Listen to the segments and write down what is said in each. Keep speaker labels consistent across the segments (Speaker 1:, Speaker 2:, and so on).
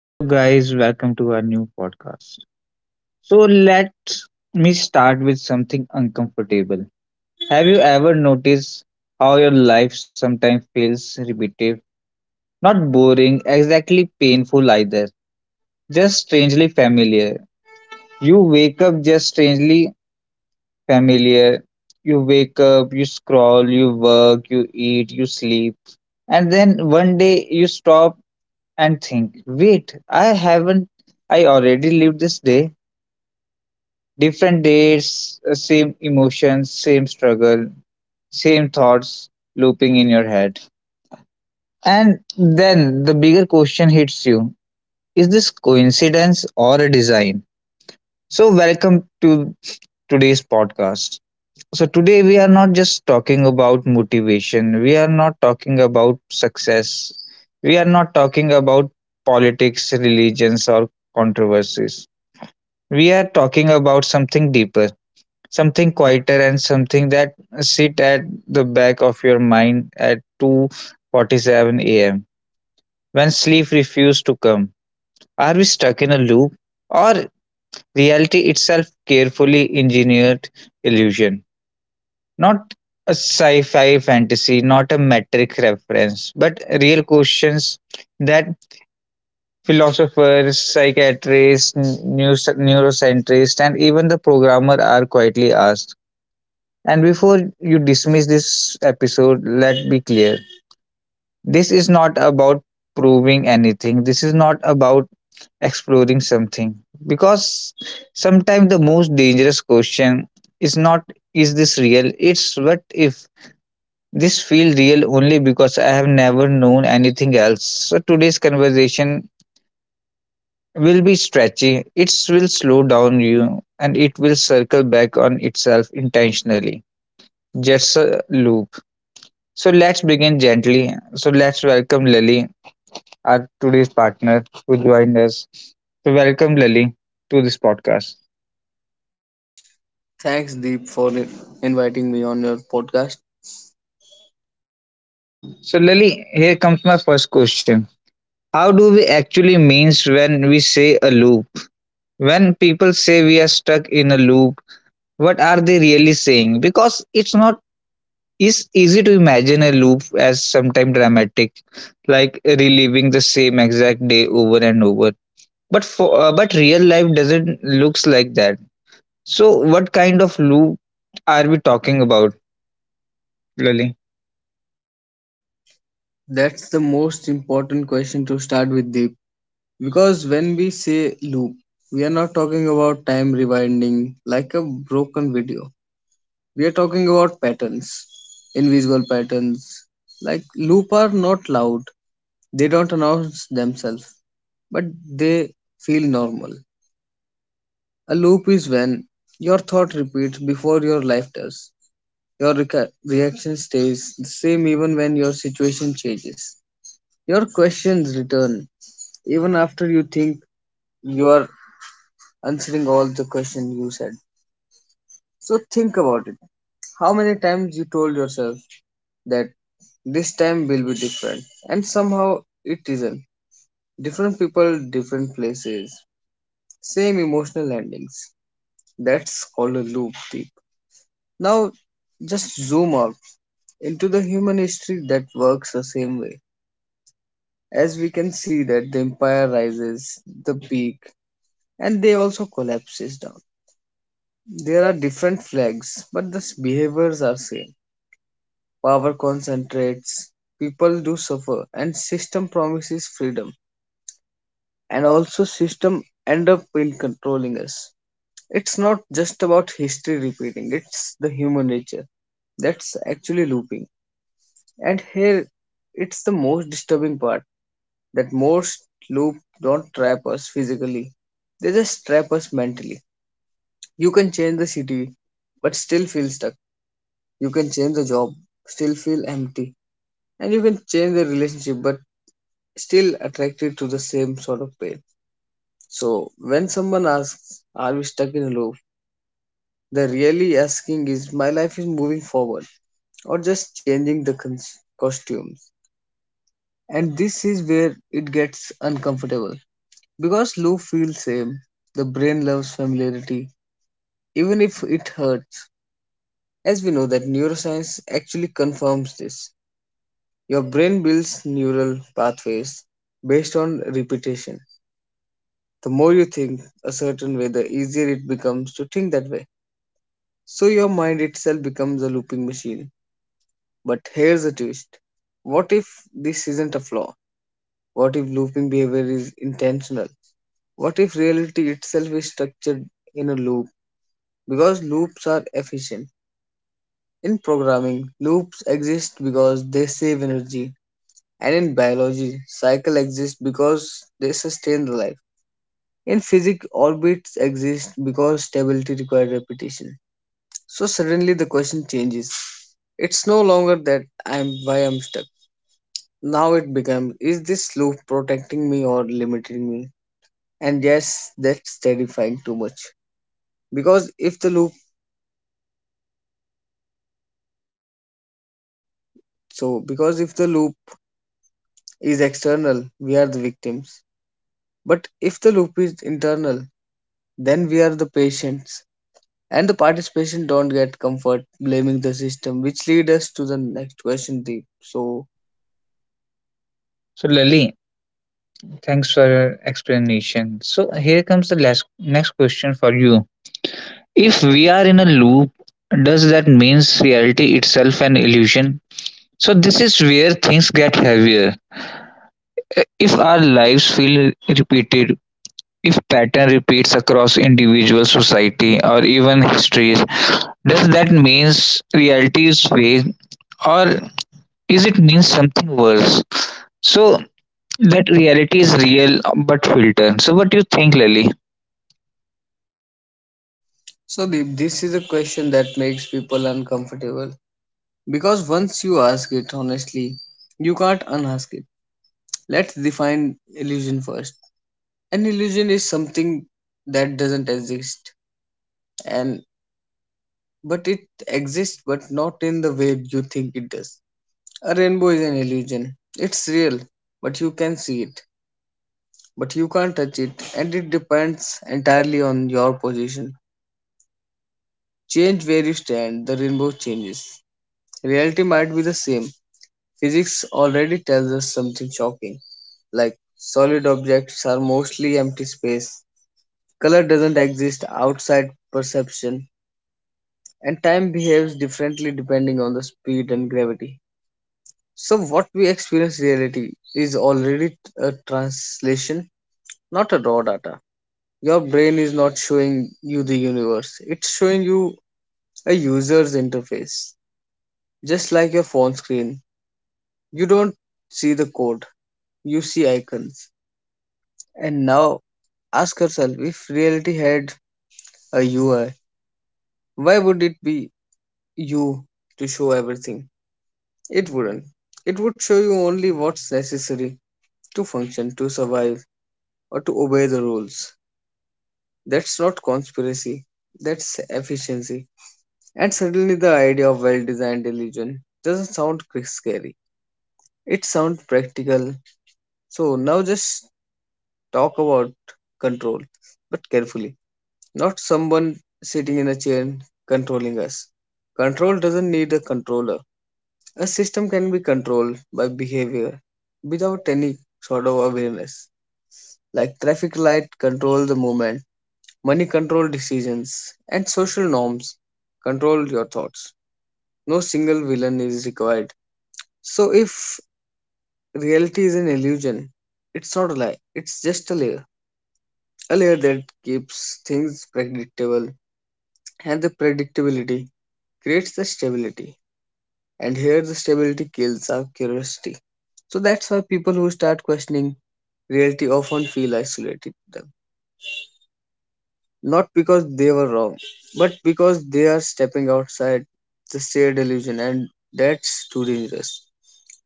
Speaker 1: Hello, guys, welcome to our new podcast. So, let me start with something uncomfortable. Have you ever noticed how your life sometimes feels repetitive? Not boring, exactly painful either, just strangely familiar. You wake up just strangely familiar. You wake up, you scroll, you work, you eat, you sleep. And then one day you stop and think, wait, I haven't, I already lived this day. Different dates, same emotions, same struggle, same thoughts looping in your head. And then the bigger question hits you, is this coincidence or a design? So, welcome to today's podcast. So, today we are not just talking about motivation, we are not talking about success, we are not talking about politics, religions, or controversies. We are talking about something deeper, something quieter, and something that sit at the back of your mind at 2:47 a.m. when sleep refuses to come. Are we stuck in a loop or reality itself carefully engineered illusion? Not a sci-fi fantasy, not a metric reference, but real questions that philosophers, psychiatrists, neuroscientists, and even the programmer are quietly asked. And before you dismiss this episode, let me be clear. This is not about proving anything. This is not about exploring something. Because sometimes the most dangerous question is not is this real? It's what if this feel real only because I have never known anything else. So today's conversation will be stretchy. It will slow down you and it will circle back on itself intentionally. Just a loop. So let's begin gently. So let's welcome Lily, our today's partner who joined us. So welcome Lily to this podcast.
Speaker 2: Thanks, Deep, for inviting me on your podcast.
Speaker 1: So Lily, here comes my first question. How do we actually means when we say a loop? When people say we are stuck in a loop, what are they really saying? Because it's not it's easy to imagine a loop as sometime dramatic, like reliving the same exact day over and over. But for but real life doesn't looks like that. So, what kind of loop are we talking about, Lily?
Speaker 2: That's the most important question to start with, Deep. Because when we say loop, we are not talking about time rewinding like a broken video. We are talking about patterns, invisible patterns. Like, loop are not loud, they don't announce themselves, but they feel normal. A loop is when your thought repeats before your life does. Your reaction stays the same even when your situation changes. Your questions return even after you think you are answering all the questions you said. So think about it. How many times you told yourself that this time will be different and somehow it isn't. Different people, different places, same emotional endings. That's called a loop deep. Now just zoom out into the human history that works the same way. As we can see that the empire rises the peak and they also collapses down, there are different flags but the behaviors are same. Power concentrates, people do suffer and system promises freedom and also system end up in controlling us. It's not just about history repeating, it's the human nature that's actually looping. And here it's the most disturbing part, that most loops don't trap us physically. They just trap us mentally. You can change the city but still feel stuck. You can change the job, still feel empty. And you can change the relationship but still attracted to the same sort of pain. So when someone asks, "Are we stuck in a loop?" The really asking is my life is moving forward or just changing the costumes. And this is where it gets uncomfortable. Because Lou feels same, the brain loves familiarity, even if it hurts. As we know that neuroscience actually confirms this. Your brain builds neural pathways based on repetition. The more you think a certain way, the easier it becomes to think that way. So your mind itself becomes a looping machine. But here's the twist. What if this isn't a flaw? What if looping behavior is intentional? What if reality itself is structured in a loop because loops are efficient. In programming, loops exist because they save energy, and in biology, cycles exist because they sustain the life. In physics, orbits exist because stability requires repetition. So suddenly the question changes. It's no longer that I'm why I'm stuck. Now it becomes is this loop protecting me or limiting me? And yes, that's terrifying too much. Because if the loop because if the loop is external, we are the victims. But if the loop is internal, then we are the patients. And the participation don't get comfort blaming the system, which leads us to the next question, Deep. So,
Speaker 1: So, Lily, thanks for your explanation. So, here comes the next question for you. If we are in a loop, does that means reality itself an illusion? So, this is where things get heavier. If our lives feel repeated, if pattern repeats across individual society or even histories, does that means reality is fake or is it means something worse. So that reality is real but filtered. So what do you think, Lily?
Speaker 2: so Deep, this is a question that makes people uncomfortable because once you ask it honestly, you can't unask it. Let's define illusion first. An illusion is something that doesn't exist, and but it exists, but not in the way you think it does. A rainbow is an illusion. It's real, but you can see it, but you can't touch it, and it depends entirely on your position. Change where you stand, the rainbow changes. Reality might be the same. Physics already tells us something shocking, like solid objects are mostly empty space, color doesn't exist outside perception, and time behaves differently depending on the speed and gravity. So, what we experience reality is already a translation, not a raw data. Your brain is not showing you the universe, it's showing you a user's interface. Just like your phone screen, you don't see the code, you see icons. And now ask yourself if reality had a UI, why would it be you to show everything? It wouldn't. It would show you only what's necessary to function, to survive, or to obey the rules. That's not conspiracy, that's efficiency. And suddenly the idea of well-designed illusion doesn't sound scary. It sounds practical. So now just talk about control, but carefully. Not someone sitting in a chair controlling us. Control doesn't need a controller. A system can be controlled by behavior without any sort of awareness. Like traffic light control the movement, money control decisions, and social norms control your thoughts. No single villain is required. So if reality is an illusion, it's not a lie, it's just a layer. A layer that keeps things predictable, and the predictability creates the stability. And here the stability kills our curiosity. So that's why people who start questioning reality often feel isolated to them. Not because they were wrong, but because they are stepping outside the shared illusion, and that's too dangerous.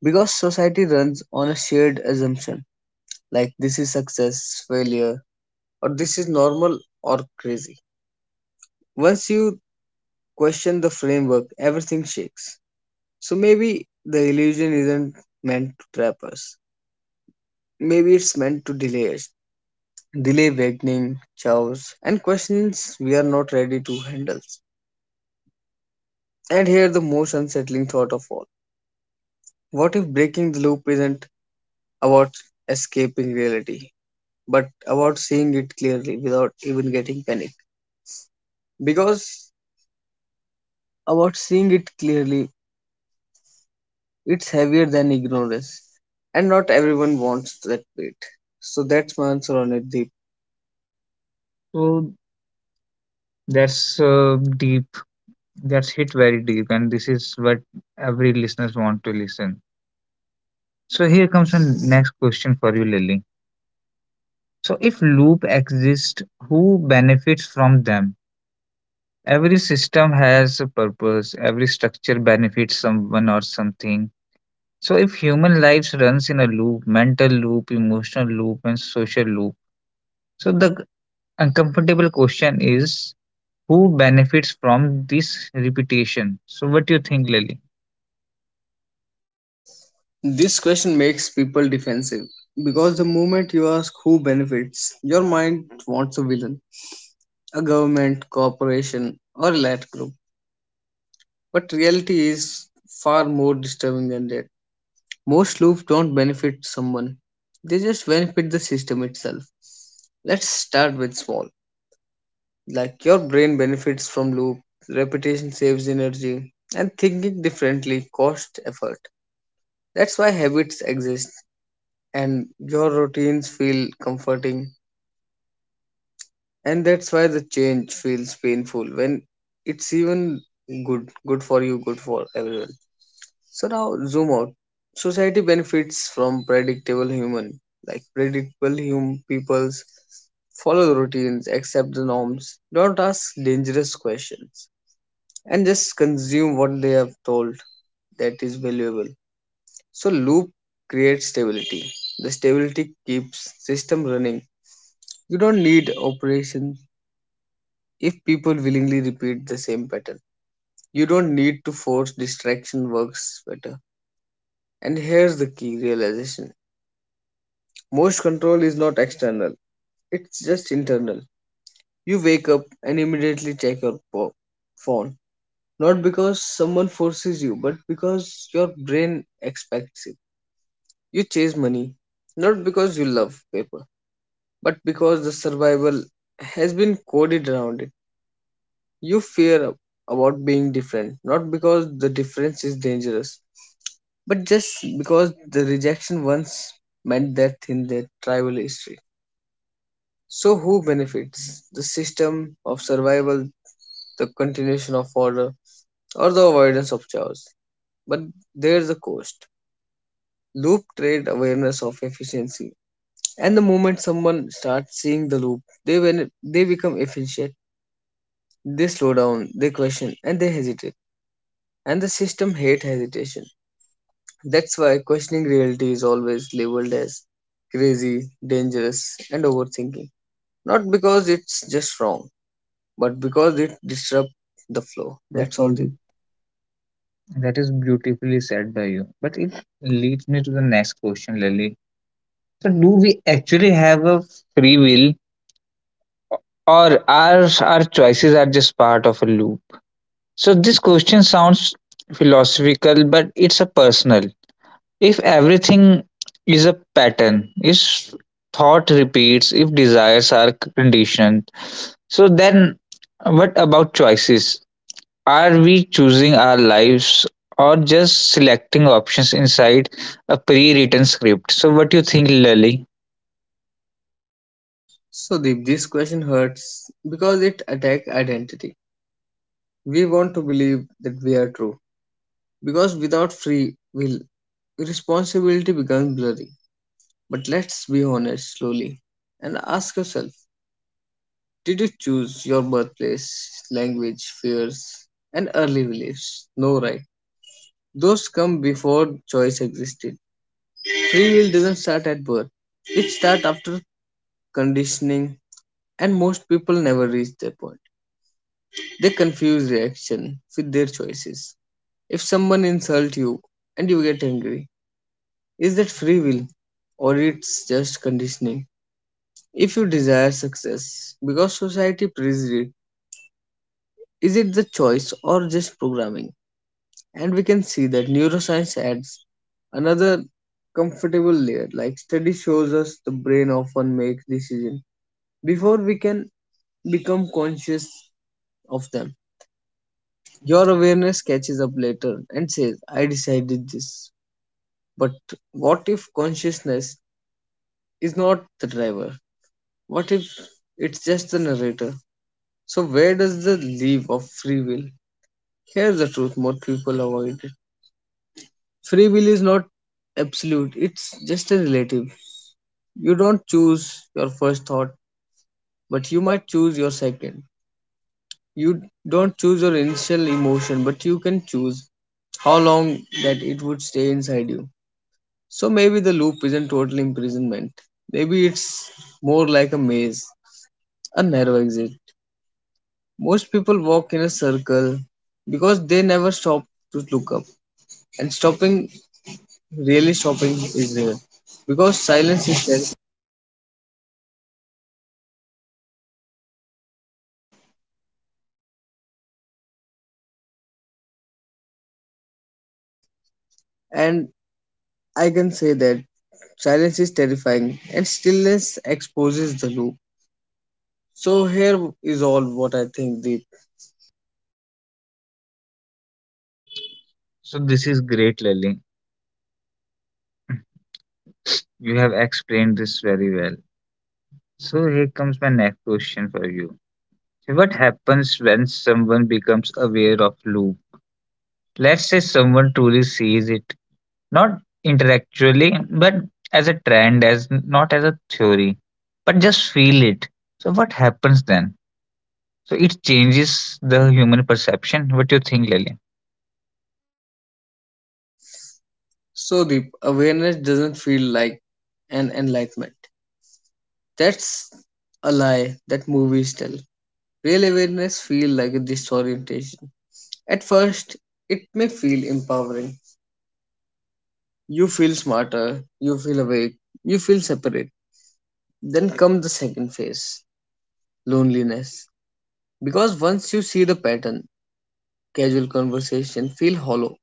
Speaker 2: Because society runs on a shared assumption like this is success, failure, or this is normal or crazy. Once you question the framework, everything shakes. So maybe the illusion isn't meant to trap us. Maybe it's meant to delay us, delay awakening, chaos, and questions we are not ready to handle. And here the most unsettling thought of all. What if breaking the loop isn't about escaping reality, but about seeing it clearly without even getting panic? Because about seeing it clearly. It's heavier than ignorance, and not everyone wants that weight. So that's my answer on it, Deep.
Speaker 1: So that's uh, deep. That's hit very deep, and this is what every listeners want to listen. So here comes the next question for you, Lily. So if loop exists, who benefits from them? Every system has a purpose. Every structure benefits someone or something. So if human lives runs in a loop, mental loop, emotional loop, and social loop, so the uncomfortable question is who benefits from this repetition? So what do you think, Lily?
Speaker 2: This question makes people defensive because the moment you ask who benefits, your mind wants a villain, a government, corporation, or a lad group. But reality is far more disturbing than that. Most loops don't benefit someone, they just benefit the system itself. Let's start with small. Like your brain benefits from loop, repetition saves energy, and thinking differently costs effort. That's why habits exist, and your routines feel comforting, and that's why the change feels painful when it's even good for you, good for everyone. So now zoom out. Society benefits from predictable human, like predictable human peoples follow the routines, accept the norms, don't ask dangerous questions and just consume what they have told that is valuable. So loop creates stability. The stability keeps system running. You don't need operations if people willingly repeat the same pattern. You don't need to force distraction works better. And here's the key realization. Most control is not external. It's just internal. You wake up and immediately check your phone. Not because someone forces you, but because your brain expects it. You chase money not because you love paper, but because the survival has been coded around it. You fear about being different, not because the difference is dangerous, but just because the rejection once meant death in their tribal history. So, who benefits? The system of survival, the continuation of order, or the avoidance of chaos? But there's a cost. Loop trade awareness of efficiency. And the moment someone starts seeing the loop, they when they become efficient, they slow down, they question, and they hesitate. And the system hate hesitation. That's why questioning reality is always labeled as crazy, dangerous, and overthinking. Not because it's just wrong, but because it disrupts the flow. That's
Speaker 1: That's
Speaker 2: all.
Speaker 1: all the
Speaker 2: Deep.
Speaker 1: That is beautifully said by you. But it leads me to the next question, Lily. So do we actually have a free will or are our choices are just part of a loop? So this question sounds philosophical, but it's a personal. If everything is a pattern, if thought repeats, if desires are conditioned, so then, what about choices? Are we choosing our lives or just selecting options inside a pre-written script? So what do you think, Lily?
Speaker 2: So Deep, this question hurts because it attacks identity. We want to believe that we are true. Because without free will, responsibility becomes blurry. But let's be honest slowly and ask yourself, did you choose your birthplace, language, fears, and early beliefs? No, right? Those come before choice existed. Free will doesn't start at birth, it starts after conditioning, and most people never reach that point. They confuse reaction with their choices. If someone insults you and you get angry, is that free will or it's just conditioning? If you desire success because society praises it, is it the choice or just programming? And we can see that neuroscience adds another comfortable layer. Like study shows us the brain often makes decisions before we can become conscious of them. Your awareness catches up later and says, "I decided this." But what if consciousness is not the driver? What if it's just the narrator? So, where does the leave of free will? Here's the truth more people avoid it. Free will is not absolute, it's just a relative. You don't choose your first thought, but you might choose your second. You don't choose your initial emotion, but you can choose how long that it would stay inside you. So maybe the loop isn't total imprisonment. Maybe it's more like a maze, a narrow exit. Most people walk in a circle because they never stop to look up. And stopping, really stopping, is rare because silence is terrifying. And I can say that silence is terrifying and stillness exposes the loop. So, here is all what I think, Deep.
Speaker 1: So this is great, Lily. You have explained this very well. So here comes my next question for you. So what happens when someone becomes aware of loop? Let's say someone truly sees it, not intellectually, but as a trend, as not as a theory, but just feel it. So what happens then? So it changes the human perception. What do you think, Lily?
Speaker 2: So, Deep, awareness doesn't feel like an enlightenment. That's a lie that movies tell. Real awareness feels like a disorientation. At first, it may feel empowering. You feel smarter, you feel awake, you feel separate. Then comes the second phase loneliness. Because once you see the pattern, casual conversation feel hollow,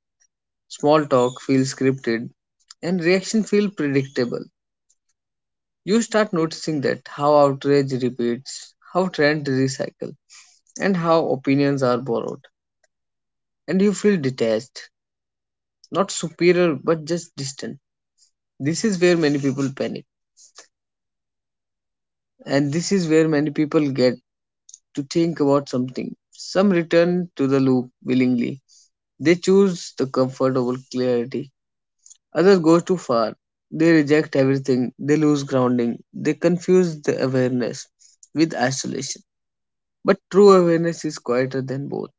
Speaker 2: small talk feel scripted, and reaction feel predictable. You start noticing that how outrage repeats, how trends recycle, and how opinions are borrowed. And you feel detached, not superior but just distant. This is where many people panic, and this is where many people get to think about something. Some return to the loop willingly. They choose the comfort over clarity. Others go too far. They reject everything. They lose grounding. They confuse the awareness with isolation. But true awareness is quieter than both.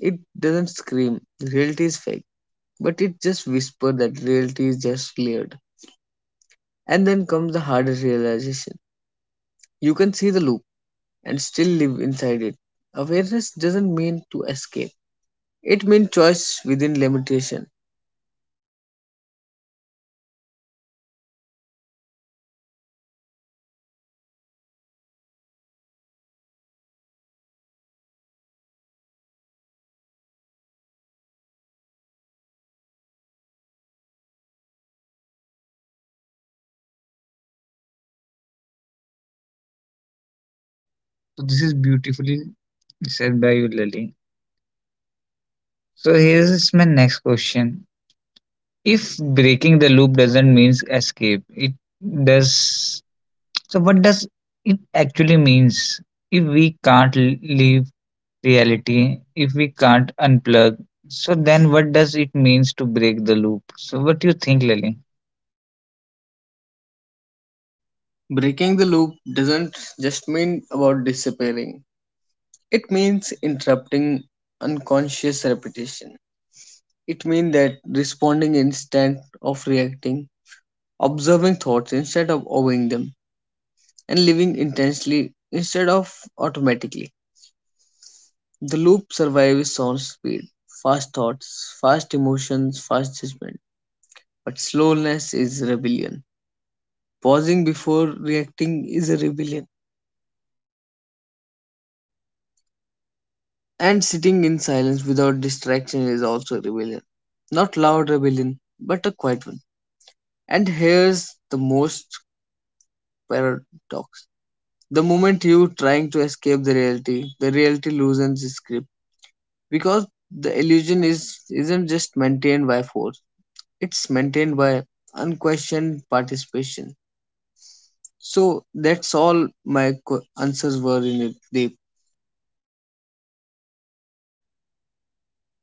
Speaker 2: It doesn't scream, reality is fake, but it just whispers that reality is just layered. And then comes the harder realization. You can see the loop and still live inside it. Awareness doesn't mean to escape. It means choice within limitation.
Speaker 1: So this is beautifully said by you, Lily. So here's my next question. If breaking the loop doesn't mean escape, it does. So what does it actually means? If we can't leave reality, if we can't unplug, so then what does it means to break the loop? So what do you think, Lily?
Speaker 2: Breaking the loop doesn't just mean about disappearing. It means interrupting unconscious repetition. It means that responding instead of reacting, observing thoughts instead of obeying them, and living intensely instead of automatically. The loop survives on speed, fast thoughts, fast emotions, fast judgment. But slowness is rebellion. Pausing before reacting is a rebellion. And sitting in silence without distraction is also rebellion. Not loud rebellion, but a quiet one. And here's the most paradox. The moment you trying to escape the reality loosens its grip because the illusion is isn't just maintained by force. It's maintained by unquestioned participation. So that's all my answers were in it, Deep.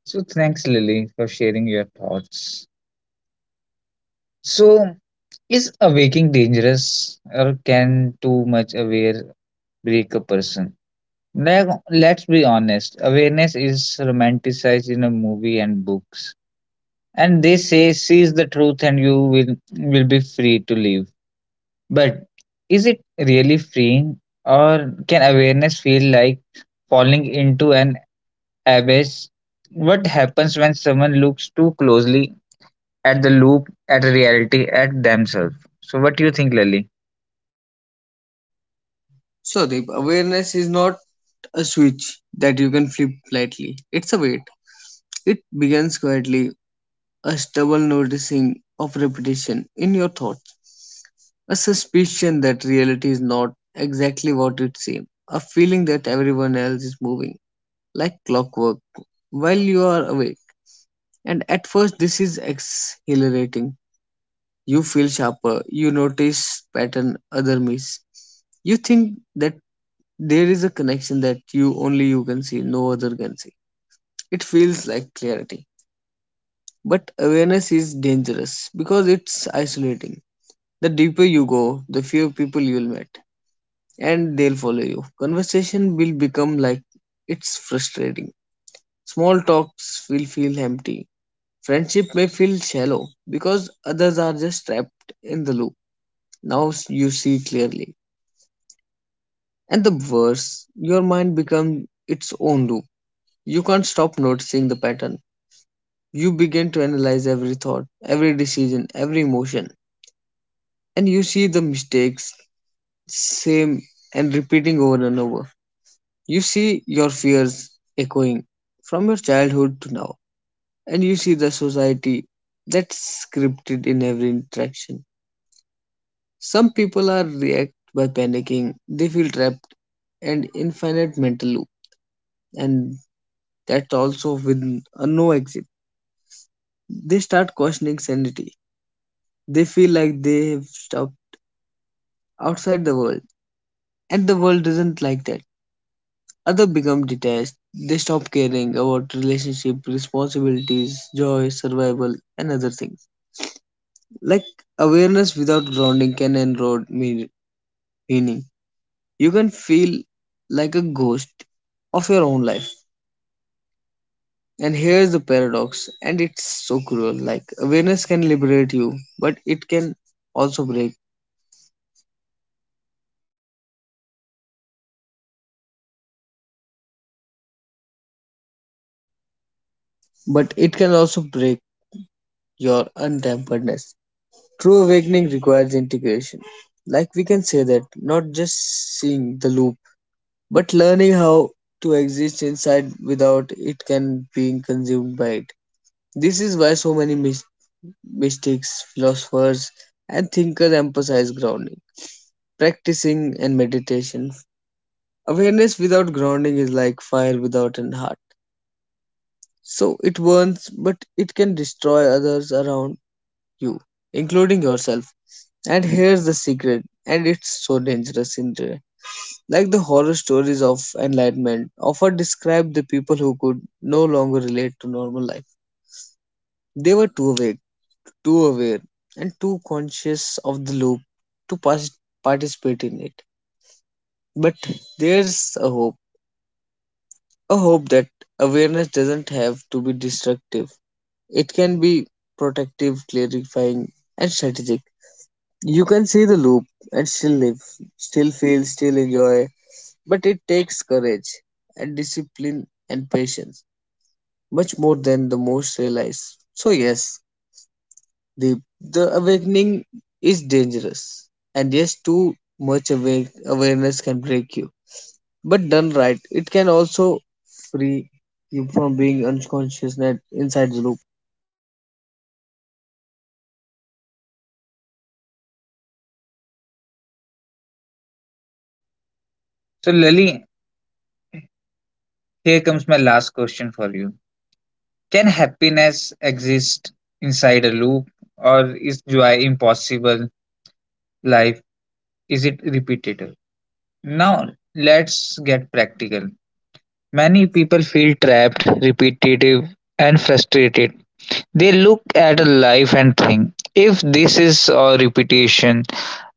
Speaker 1: So thanks, Lily, for sharing your thoughts. So, is awaking dangerous or can too much aware break a person? Like, let's be honest, awareness is romanticized in a movie and books. And they say seize the truth and you will be free to live. But is it really freeing or can awareness feel like falling into an abyss? What happens when someone looks too closely at the loop at reality at themselves? So what do you think, Lily?
Speaker 2: So Deep, awareness is not a switch that you can flip lightly. It's a weight. It begins quietly, a stubble noticing of repetition in your thoughts, a suspicion that reality is not exactly what it seems, a feeling that everyone else is moving like clockwork while you are awake. And at first, this is exhilarating. You feel sharper, you notice pattern other miss. You think that there is a connection that you only you can see, no other can see. It feels like clarity. But awareness is dangerous because it's isolating. The deeper you go, the fewer people you'll meet, and they'll follow you. Conversation will become like it's frustrating. Small talks will feel empty. Friendship may feel shallow because others are just trapped in the loop. Now you see clearly. And the worse, your mind becomes its own loop. You can't stop noticing the pattern. You begin to analyze every thought, every decision, every emotion, and you see the mistakes same and repeating over and over. You see your fears echoing from your childhood to now, and you see the society that's scripted in every interaction. Some people are react by panicking. They feel trapped and infinite mental loop, and that's also with a no exit. They start questioning sanity. They feel like they've stopped outside the world, and the world isn't like that. Others become detached. They stop caring about relationship, responsibilities, joy, survival, and other things. Like awareness without grounding can erode meaning. You can feel like a ghost of your own life. And here's the paradox, and it's so cruel. Like awareness can liberate you, but it can also break. But it can also break your untemperedness. True awakening requires integration. Like we can say that, not just seeing the loop but learning how to exist inside without it can being consumed by it. This is why so many mystics, philosophers, and thinkers emphasize grounding, practicing, and meditation. Awareness without grounding is like fire without an heart. So it burns, but it can destroy others around you, including yourself. And here's the secret, and it's so dangerous in. Like the horror stories of Enlightenment often describe the people who could no longer relate to normal life. They were too awake, too aware, and too conscious of the loop to participate in it. But there's a hope that awareness doesn't have to be destructive. It can be protective, clarifying, and strategic. You can see the loop and still live, still feel, still enjoy, but it takes courage and discipline and patience, much more than the most realize. So yes, the awakening is dangerous, and yes, too much awake, awareness can break you. But done right, it can also free you from being unconscious and inside the loop.
Speaker 1: So, Lily, here comes my last question for you. Can happiness exist inside a loop or is joy impossible? Life is it repetitive? Now let's get practical. Many people feel trapped, repetitive, and frustrated. They look at a life and think, if this is a repetition,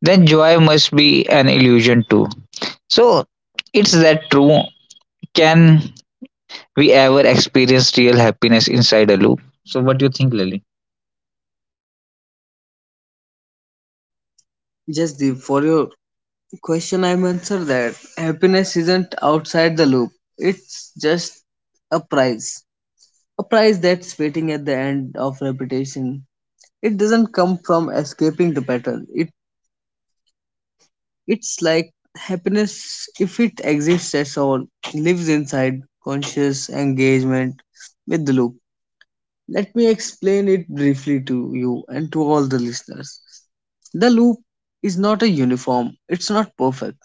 Speaker 1: then joy must be an illusion too. So, it's that true? Can we ever experienced real happiness inside a loop. So, what do you think, Lily?
Speaker 2: Just the for your question, I'm answer that happiness isn't outside the loop. It's just a prize, a prize that's waiting at the end of repetition. It doesn't come from escaping the pattern. It's like happiness, if it exists at all, lives inside conscious engagement with the loop. Let me explain it briefly to you and to all the listeners. The loop is not a uniform, it's not perfect,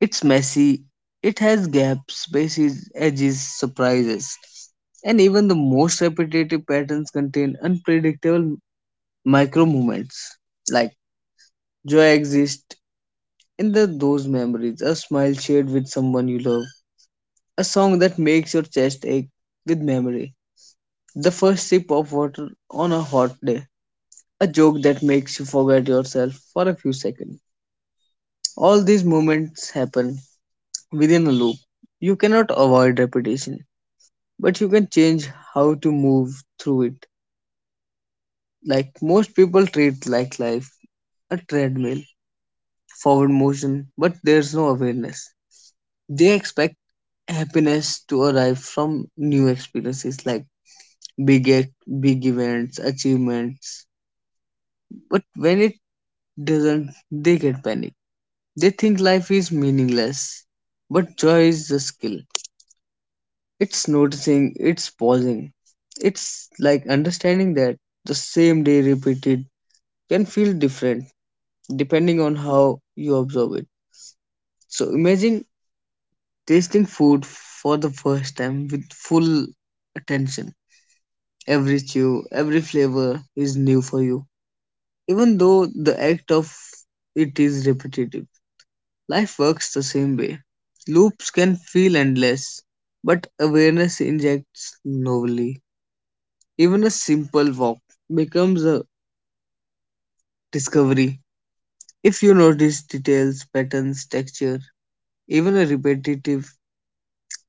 Speaker 2: it's messy, it has gaps, spaces, edges, surprises, and even the most repetitive patterns contain unpredictable micro movements like joy exists in the those memories, a smile shared with someone you love, a song that makes your chest ache with memory, the first sip of water on a hot day, a joke that makes you forget yourself for a few seconds. All these moments happen within a loop. You cannot avoid repetition, but you can change how to move through it. Like most people treat like life, a treadmill, forward motion, but there's no awareness. They expect happiness to arrive from new experiences like big ac- big events achievements, but when it doesn't they get panic. They think life is meaningless, but joy is the skill. It's noticing, it's pausing, it's like understanding that the same day repeated can feel different depending on how you observe it. So imagine tasting food for the first time with full attention, every chew every flavor is new for you. Even though the act of it is repetitive, life works the same way. Loops can feel endless, but awareness injects novelty. Even a simple walk becomes a discovery. If you notice details, patterns, texture, even a repetitive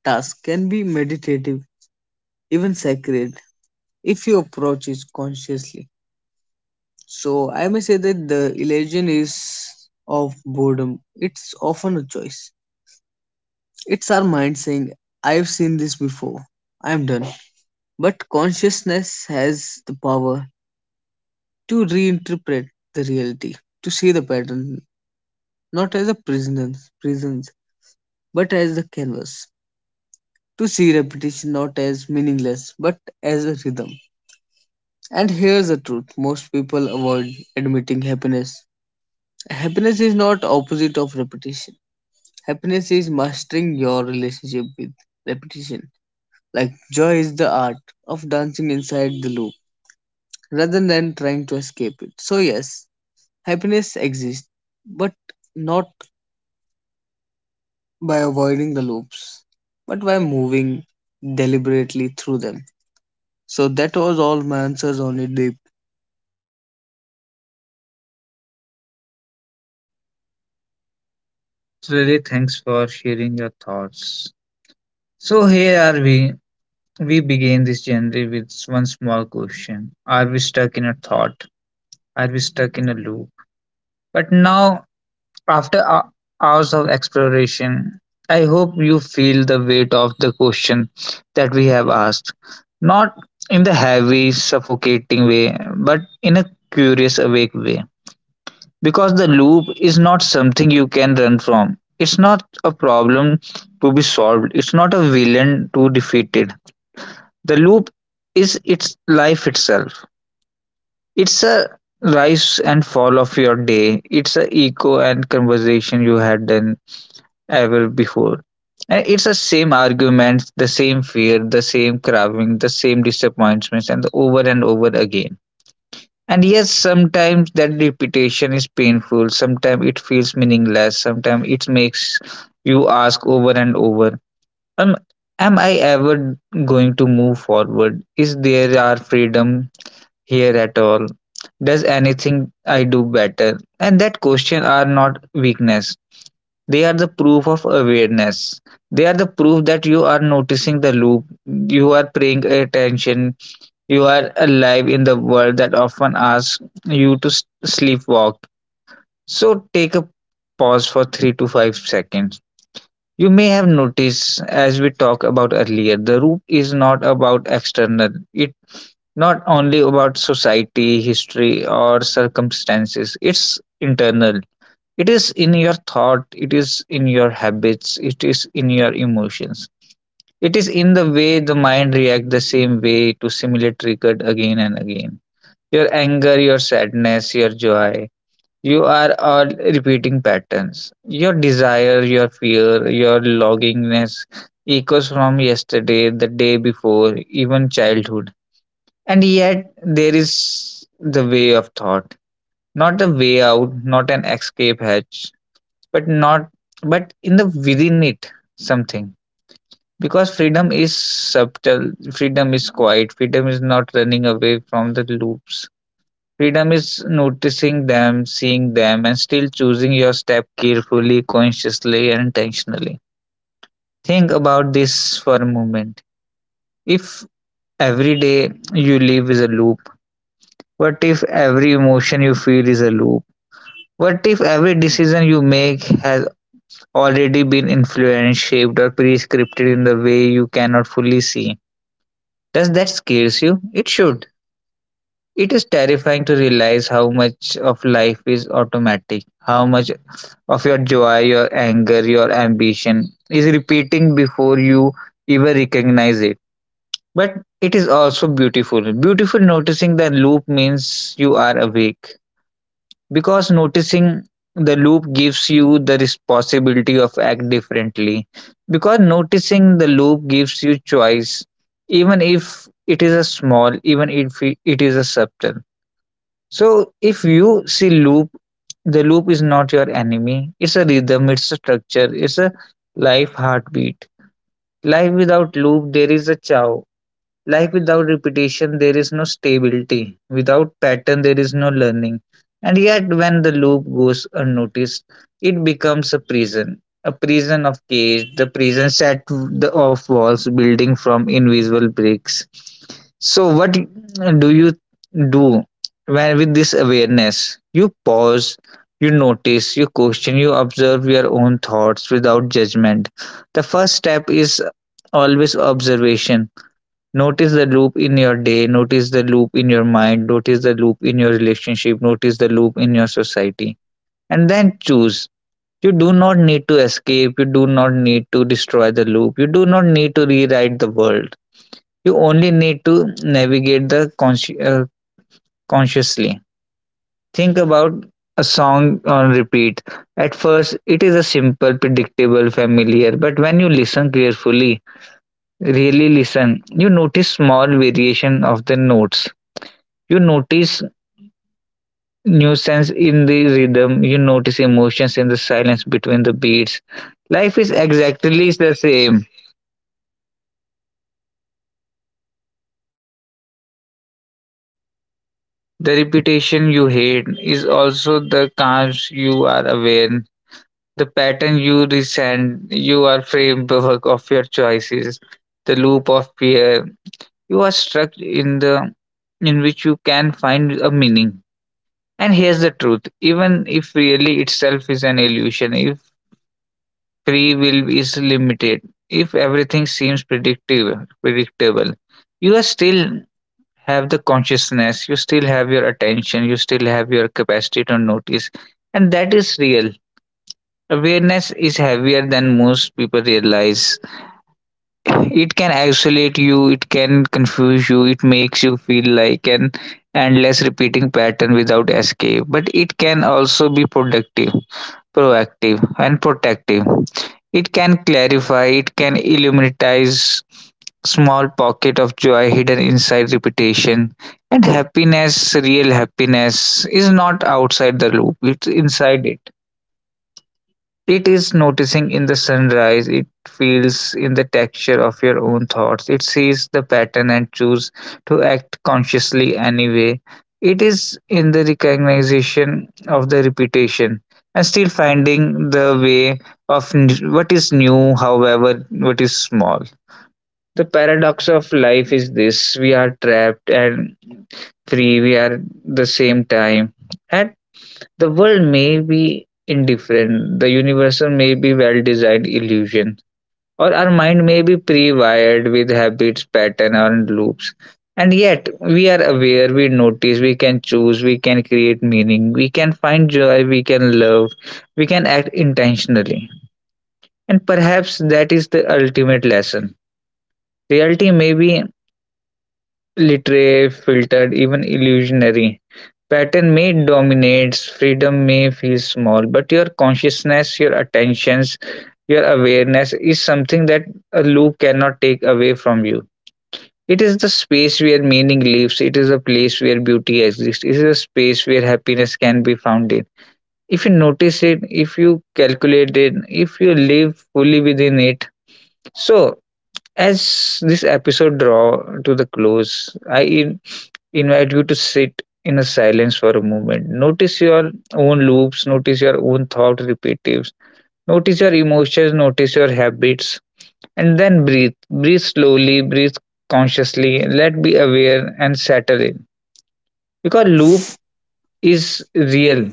Speaker 2: task can be meditative, even sacred, if you approach it consciously. So, I may say that the illusion is of boredom. It's often a choice. It's our mind saying, I've seen this before, I'm done. But consciousness has the power to reinterpret the reality, to see the pattern not as a prisons, but as the canvas, to see repetition not as meaningless, but as a rhythm. And here's the truth most people avoid admitting happiness. Happiness is not opposite of repetition. Happiness is mastering your relationship with repetition. Like joy is the art of dancing inside the loop rather than trying to escape it. So yes, happiness exists, but not by avoiding the loops, but by moving deliberately through them. So that was all my answers on it, Deep.
Speaker 1: Really, thanks for sharing your thoughts. So here are we. We begin this journey with one small question: are we stuck in a thought? Are we stuck in a loop? But now, after hours of exploration, I hope you feel the weight of the question that we have asked, not in the heavy, suffocating way, but in a curious, awake way. Because the loop is not something you can run from. It's not a problem to be solved. It's not a villain to defeated. The loop is its life itself. It's a rise and fall of your day. It's a echo and conversation you had done ever before. And it's the same arguments, the same fear, the same craving, the same disappointments, and over again. And yes, sometimes that repetition is painful, sometimes it feels meaningless, sometimes it makes you ask over and over, um, am I ever going to move forward? Is there our freedom here at all? Does anything I do better? And that question are not weakness. They are the proof of awareness. They are the proof that you are noticing the loop. You are paying attention, you are alive in the world that often asks you to sleepwalk. So take a pause for 3 to 5 seconds. You may have noticed, as we talked about earlier, the root is not about external. It not only about society, history, or circumstances. It's internal. It is in your thought, it is in your habits, it is in your emotions. It is in the way the mind reacts the same way to similar triggered again and again. Your anger, your sadness, your joy, you are all repeating patterns. Your desire, your fear, your longingness echoes from yesterday, the day before, even childhood. And yet, there is the way of thought. Not a way out, not an escape hatch, but not, but in the within it, something, because freedom is subtle, freedom is quiet, freedom is not running away from the loops. Freedom is noticing them, seeing them, and still choosing your step carefully, consciously, and intentionally. Think about this for a moment. If every day you live is a loop, what if every emotion you feel is a loop? What if every decision you make has already been influenced, shaped, or prescripted in the way you cannot fully see? Does that scare you? It should. It is terrifying to realize how much of life is automatic, how much of your joy, your anger, your ambition is repeating before you even recognize it. But it is also beautiful. Beautiful noticing the loop means you are awake, because noticing the loop gives you the responsibility of act differently, because noticing the loop gives you choice, even if it is a small, even if it is a subtle. So if you see loop, the loop is not your enemy. It's a rhythm, it's a structure, it's a life heartbeat. Life without loop, there is a chow. Life without repetition, there is no stability. Without pattern, there is no learning. And yet, when the loop goes unnoticed, it becomes a prison of cage, the of walls building from invisible bricks. So, what do you do when with this awareness? You pause, you notice, you question, you observe your own thoughts without judgment. The first step is always observation. Notice the loop in your day, notice the loop in your mind, notice the loop in your relationship, notice the loop in your society, and then choose. You do not need to escape, you do not need to destroy the loop, you do not need to rewrite the world. You only need to navigate the consciously. Think about a song on repeat. At first, it is a simple, predictable, familiar, but when you listen carefully, really listen, you notice small variation of the notes. You notice nuisance in the rhythm, you notice emotions in the silence between the beats. Life is exactly the same. The repetition you hate is also the calms you are aware. The pattern you resent, you are framework of your choices. The loop of fear, you are stuck in the in which you can find a meaning. And here's the truth: even if really itself is an illusion, if free will is limited. If everything seems predictable, you are still have the consciousness, you still have your attention, you still have your capacity to notice, and that is real. Awareness is heavier than most people realize. It can isolate you, it can confuse you, it makes you feel like an endless repeating pattern without escape, but it can also be productive, proactive and protective. It can clarify, it can illuminate small pocket of joy hidden inside repetition. And happiness, real happiness, is not outside the loop, it's inside it. It is noticing in the sunrise, it feels in the texture of your own thoughts, it sees the pattern and choose to act consciously anyway. It is in the recognition of the repetition and still finding the way of what is new, however, what is small. The paradox of life is this we are trapped and free, we are the same time. At the world may be indifferent, the universal may be well designed illusion, or our mind may be pre wired with habits, patterns, and loops. And yet, we are aware, we notice, we can choose, we can create meaning, we can find joy, we can love, we can act intentionally. And perhaps that is the ultimate lesson. Reality may be literary, filtered, even illusionary. Pattern may dominates, freedom may feel small, but your consciousness, your attentions, your awareness is something that a loop cannot take away from you. It is the space where meaning lives, it is a place where beauty exists, it is a space where happiness can be found in. If you notice it, if you calculate it, if you live fully within it. So, as this episode draw to the close, invite you to sit in a silence for a moment. Notice your own loops, notice your own thought repetitions, notice your emotions, notice your habits, and then breathe. Breathe slowly, breathe consciously, let be aware and settle in.
Speaker 2: The
Speaker 1: Because loop
Speaker 2: loop is
Speaker 1: is
Speaker 2: real.
Speaker 1: real,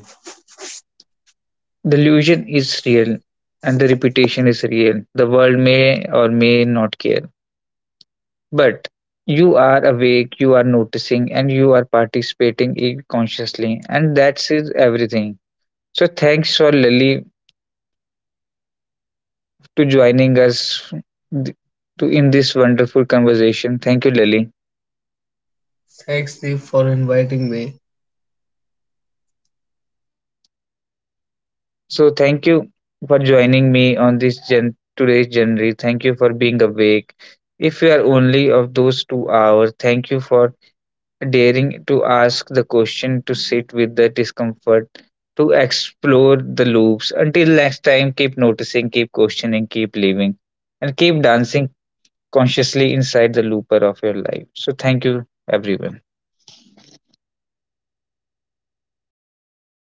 Speaker 1: the
Speaker 2: Delusion
Speaker 1: illusion
Speaker 2: is
Speaker 1: is
Speaker 2: real.
Speaker 1: real,
Speaker 2: And
Speaker 1: and
Speaker 2: the
Speaker 1: the
Speaker 2: repetition
Speaker 1: repetition
Speaker 2: is.
Speaker 1: is real. The world may or may not care. But you are awake, you are noticing, and you are participating in consciously, and that's is everything. So thanks for Lily to joining us th- to in this wonderful conversation. Thank you, Lily.
Speaker 2: Thanks, Deep, for inviting me.
Speaker 1: Exactly. So thank you for joining me on this today's journey. Thank you for being awake. If you are only of those 2 hours, thank you for daring to ask the question, to sit with the discomfort, to explore the loops. Until next time, keep noticing, keep questioning, keep living, and keep dancing consciously inside the looper of your life. So, thank you, everyone.